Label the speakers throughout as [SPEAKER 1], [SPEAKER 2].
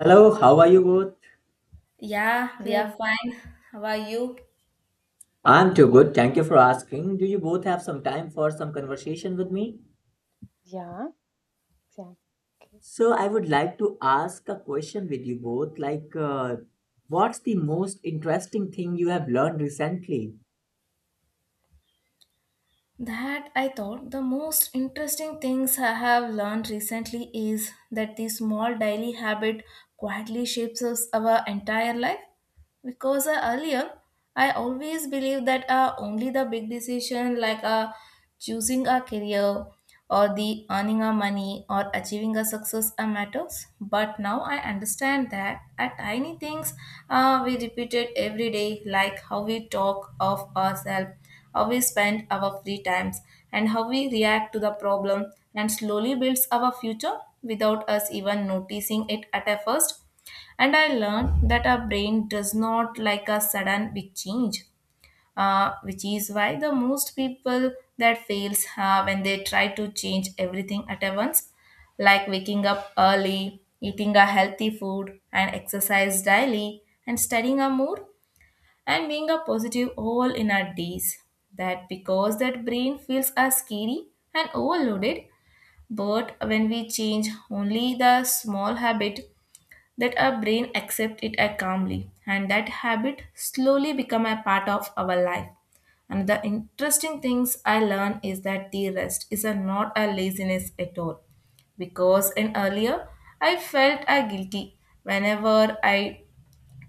[SPEAKER 1] Hello, how are you both?
[SPEAKER 2] Yeah, we are
[SPEAKER 3] Good.
[SPEAKER 2] fine. How are you?
[SPEAKER 1] I'm too good. Thank you for asking. Do you both have some time for some conversation with me?
[SPEAKER 3] Yeah, exactly.
[SPEAKER 1] So, I would like to ask a question with you both. Like, what's the most interesting thing you have learned recently?
[SPEAKER 2] That I thought the most interesting things I have learned recently is that the small daily habit quietly shapes us our entire life. Because earlier I always believed that only the big decision like choosing a career or the earning a money or achieving a success matters, but now I understand that at tiny things, we repeated every day like how we talk of ourselves, how we spend our free times, and how we react to the problem and slowly builds our future without us even noticing it at a first. And I learned that our brain does not like a sudden big change, which is why the most people that fails when they try to change everything at once, like waking up early, eating a healthy food, and exercise daily, and studying a more, and being a positive all in our days. That because that brain feels are scary and overloaded, but when we change only the small habit that our brain accepts it as calmly and that habit slowly become a part of our life. And the interesting things I learned is that the rest is a not a laziness at all because in earlier I felt I guilty whenever I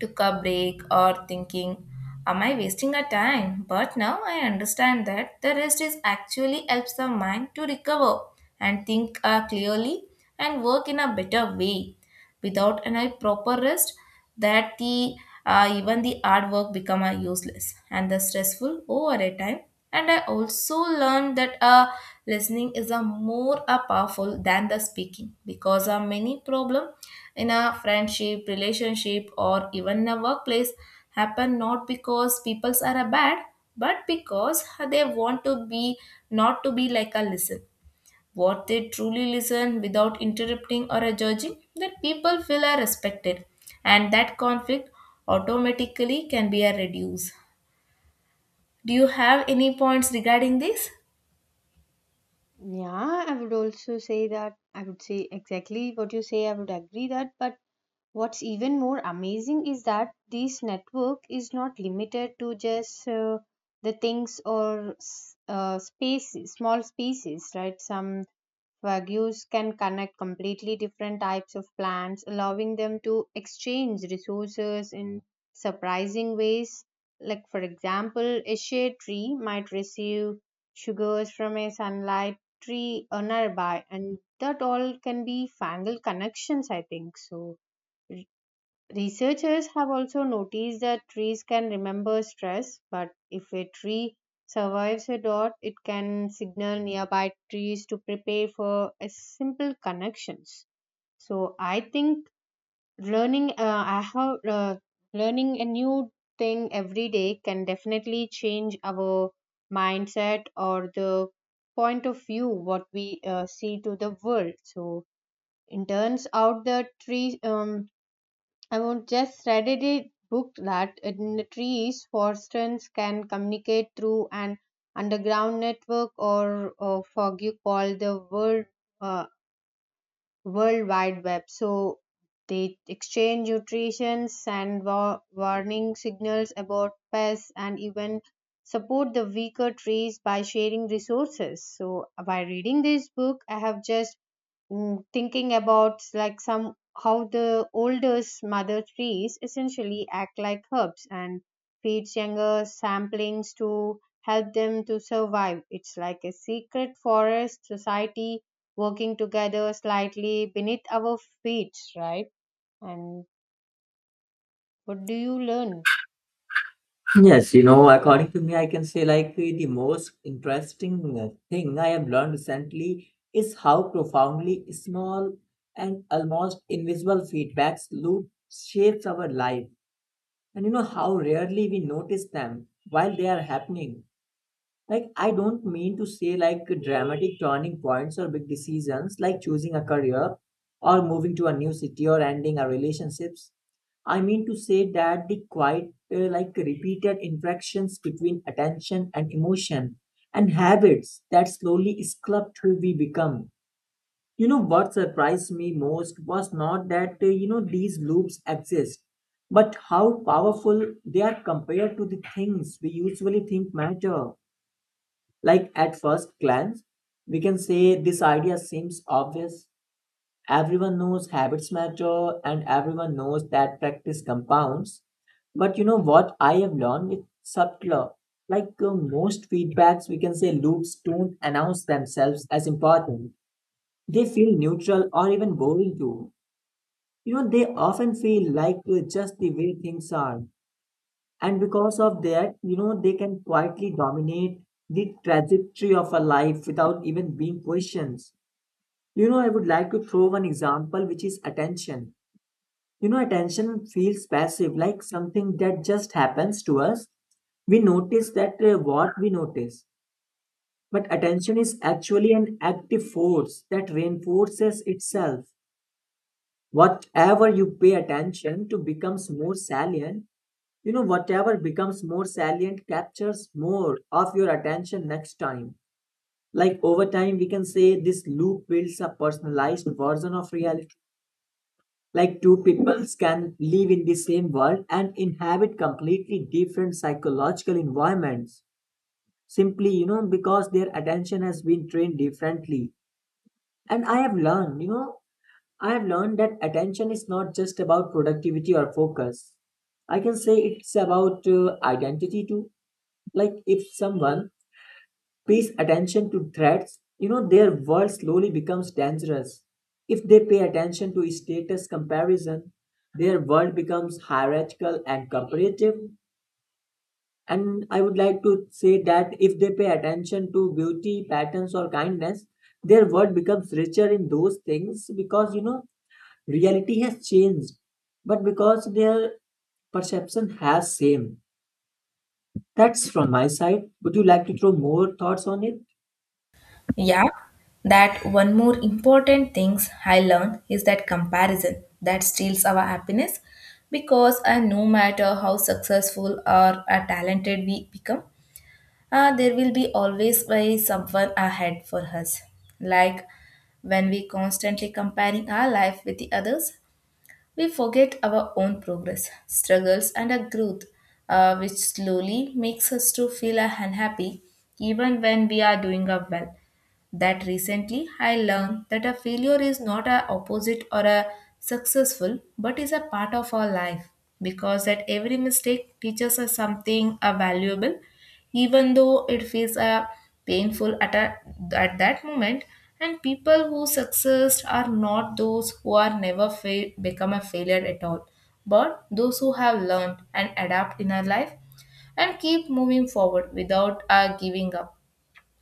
[SPEAKER 2] took a break or thinking, am I wasting a time? But now I understand that the rest is actually helps the mind to recover and think clearly and work in a better way. Without any proper rest, that the even the hard work become a useless and the stressful over a time. And I also learned that listening is a more powerful than the speaking because many problem in a friendship, relationship, or even a workplace happen not because people are a bad, but because they want to be not to be like a listen. What they truly listen without interrupting or judging, that people feel are respected, and that conflict automatically can be a reduced. Do you have any points regarding this?
[SPEAKER 3] Yeah, I would also say that. I would say exactly what you say. I would agree that. But what's even more amazing is that this network is not limited to just the things or spaces, small spaces, right? Some Wagyus can connect completely different types of plants, allowing them to exchange resources in surprising ways. Like, for example, a shade tree might receive sugars from a sunlight tree nearby, and that all can be fungal connections, I think so. Researchers have also noticed that trees can remember stress, but if a tree survives a drought, it can signal nearby trees to prepare for a simple connections. So I think learning, I have learning a new thing every day can definitely change our mindset or the point of view what we see to the world. So in turns out the tree I would just read it book that in trees, foresters can communicate through an underground network or a foggy call the world uh, World Wide Web. So they exchange nutritions and warning signals about pests and even support the weaker trees by sharing resources. So by reading this book, I have just thinking about like some how the oldest mother trees essentially act like herbs and feeds younger samplings to help them to survive. It's like a secret forest society working together slightly beneath our feet, right? And what do you learn?
[SPEAKER 1] Yes, you know, according to me, I can say like the most interesting thing I have learned recently is how profoundly small and almost invisible feedbacks loop shapes our life. And you know how rarely we notice them while they are happening. Like, I don't mean to say like dramatic turning points or big decisions like choosing a career or moving to a new city or ending our relationships. I mean to say that the quite like repeated interactions between attention and emotion and habits that slowly sculpt who we become. You know what surprised me most was not that you know these loops exist, but how powerful they are compared to the things we usually think matter. Like at first glance, we can say this idea seems obvious. Everyone knows habits matter and everyone knows that practice compounds. But you know what I have learned is subtler. Like most feedbacks, we can say loops don't announce themselves as important, they feel neutral or even boring too. You know, they often feel like just the way things are. And because of that, you know, they can quietly dominate the trajectory of a life without even being questioned. You know, I would like to throw one example, which is attention. You know, attention feels passive, like something that just happens to us, we notice that what we notice, but attention is actually an active force that reinforces itself. Whatever you pay attention to becomes more salient. You know, whatever becomes more salient captures more of your attention next time. Like over time we can say this loop builds a personalized version of reality. Like two peoples can live in the same world and inhabit completely different psychological environments, simply you know because their attention has been trained differently. And I have learned that attention is not just about productivity or focus. I can say it's about identity too. Like if someone pays attention to threats, you know, their world slowly becomes dangerous. If they pay attention to status comparison, their world becomes hierarchical and comparative. And I would like to say that if they pay attention to beauty, patterns, or kindness, their world becomes richer in those things, because you know reality has changed, but because their perception has same. That's from my side. Would you like to throw more thoughts on it?
[SPEAKER 2] Yeah, that one more important things I learned is that comparison that steals our happiness because no matter how successful or talented we become, there will be always by someone ahead for us. Like when we constantly comparing our life with the others, we forget our own progress, struggles, and our growth, which slowly makes us to feel unhappy even when we are doing up well. That recently I learned that a failure is not a opposite or a successful but is a part of our life because that every mistake teaches us something a valuable even though it feels a painful at, a, at that moment, and people who success are not those who are never fail, become a failure at all, but those who have learned and adapt in our life and keep moving forward without giving up.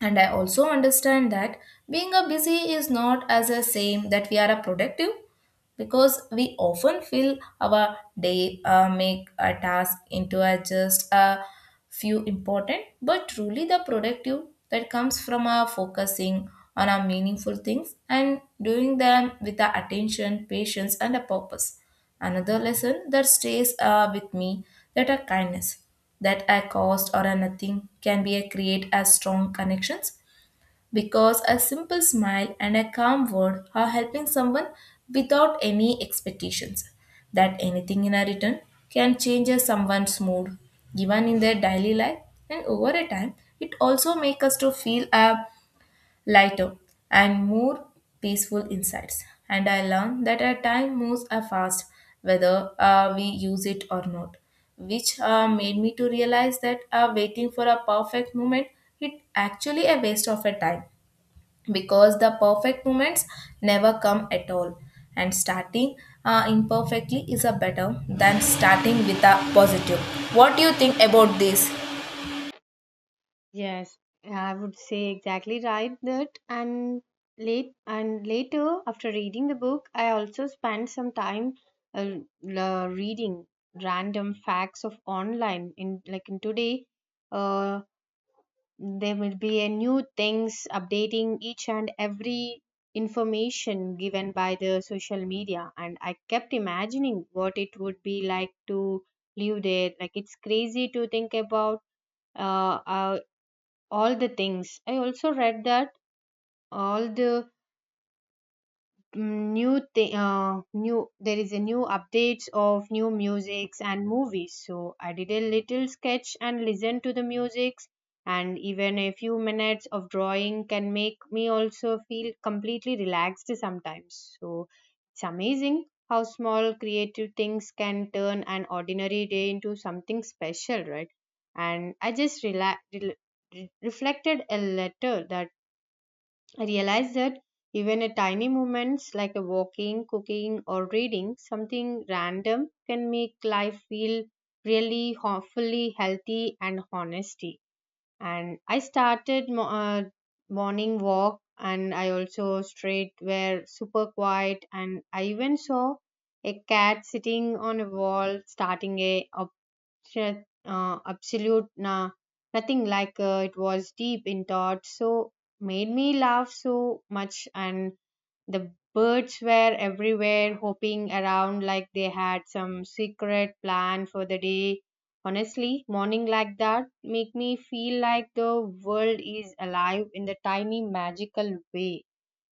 [SPEAKER 2] And I also understand that being a busy is not as a same that we are a productive because we often feel our day make a task into a just a few important, but truly the productive that comes from our focusing on our meaningful things and doing them with our attention, patience, and a purpose. Another lesson that stays with me that a kindness that a cost or a nothing can be a create as strong connections because a simple smile and a calm word are helping someone without any expectations that anything in a return can change a someone's mood given in their daily life. And over a time, it also makes us to feel a lighter and more peaceful insides. And I learned that our time moves a fast whether we use it or not, which made me to realize that waiting for a perfect moment it actually a waste of a time because the perfect moments never come at all, and starting imperfectly is a better than starting with a positive. What do you think about this?
[SPEAKER 3] Yes, I would say exactly right that. And late and later after reading the book, I also spent some time reading random facts of online in like in today, uh, there will be a new things updating each and every information given by the social media, and I kept imagining what it would be like to live there. Like, it's crazy to think about uh, uh, all the things. I also read that all the new there is a new updates of new musics and movies. So I did a little sketch and listened to the musics, and even a few minutes of drawing can make me also feel completely relaxed sometimes. So it's amazing how small creative things can turn an ordinary day into something special, right? And I just relax reflected a letter that I realized that even a tiny moments like a walking, cooking, or reading something random can make life feel really hopefully healthy and honesty. And I started morning walk, and I also straight were super quiet, and I even saw a cat sitting on a wall starting a. Sure, absolute na nothing. Like, it was deep in thought, so made me laugh so much, and the birds were everywhere, hopping around like they had some secret plan for the day. Honestly, morning like that make me feel like the world is alive in the tiny magical way.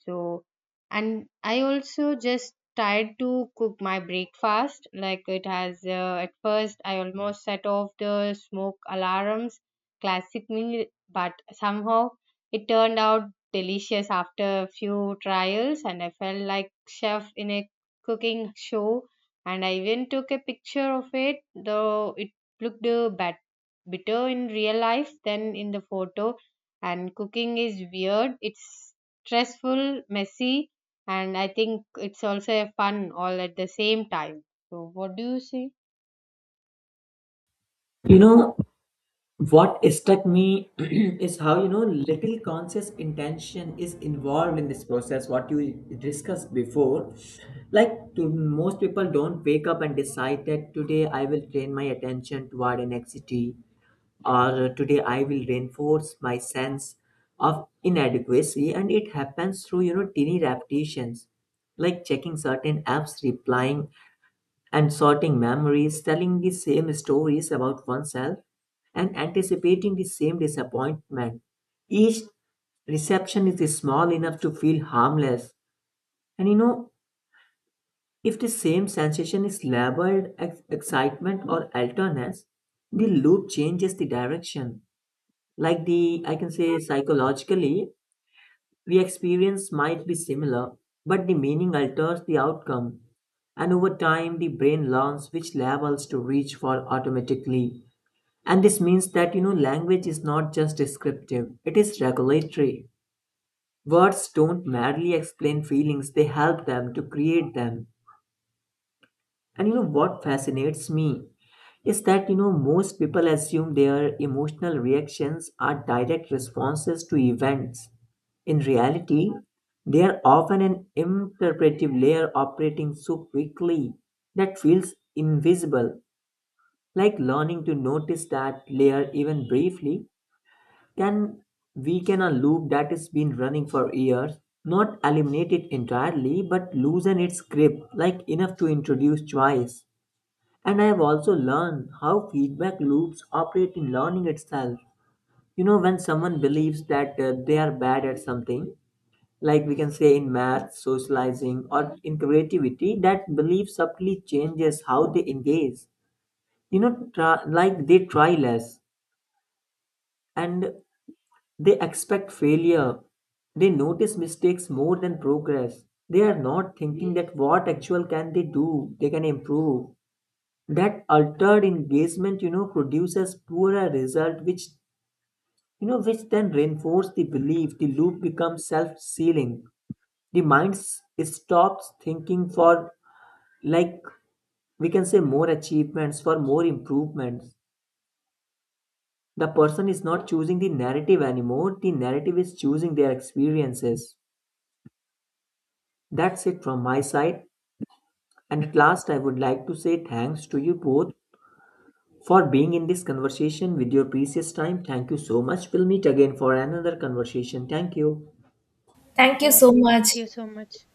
[SPEAKER 3] So, and I also just tried to cook my breakfast. Like it has, at first, I almost set off the smoke alarms, classic me, but somehow it turned out delicious after a few trials, and I felt like chef in a cooking show. And I even took a picture of it, though it looked bad, bitter in real life than in the photo. And cooking is weird. It's stressful, messy, and I think it's also a fun all at the same time. So, what do you say?
[SPEAKER 1] You know, what struck me is how you know little conscious intention is involved in this process, what you discussed before. Like, to most people don't wake up and decide that today I will train my attention toward an anxiety, or today I will reinforce my sense of inadequacy, and it happens through you know teeny repetitions, like checking certain apps, replying and sorting memories, telling the same stories about oneself, and anticipating the same disappointment. Each reception is small enough to feel harmless. And you know, if the same sensation is labeled excitement or alertness, the loop changes the direction. Like the, I can say psychologically, the experience might be similar, but the meaning alters the outcome. And over time, the brain learns which levels to reach for automatically. And this means that, you know, language is not just descriptive, it is regulatory. Words don't merely explain feelings, they help them to create them. And you know what fascinates me is that you know most people assume their emotional reactions are direct responses to events. In reality, they are often an interpretive layer operating so quickly that feels invisible. Like learning to notice that layer, even briefly, can weaken a loop that has been running for years, not eliminate it entirely, but loosen its grip, like enough to introduce choice. And I have also learned how feedback loops operate in learning itself. You know, when someone believes that they are bad at something, like we can say in math, socializing, or in creativity, that belief subtly changes how they engage. You know, try, like they try less and they expect failure. They notice mistakes more than progress. They are not thinking that what actual can they do, they can improve. That altered engagement, you know, produces poorer result, which you know which then reinforce the belief. The loop becomes self-sealing. The stops thinking for, like, we can say more achievements for more improvements. The person is not choosing the narrative anymore, the narrative is choosing their experiences. That's it from my side, and at last I would like to say thanks to you both for being in this conversation with your precious time. Thank you so much. We'll meet again for another conversation. Thank you.
[SPEAKER 2] Thank you
[SPEAKER 3] Yeah,
[SPEAKER 2] so much.
[SPEAKER 3] thank you so much.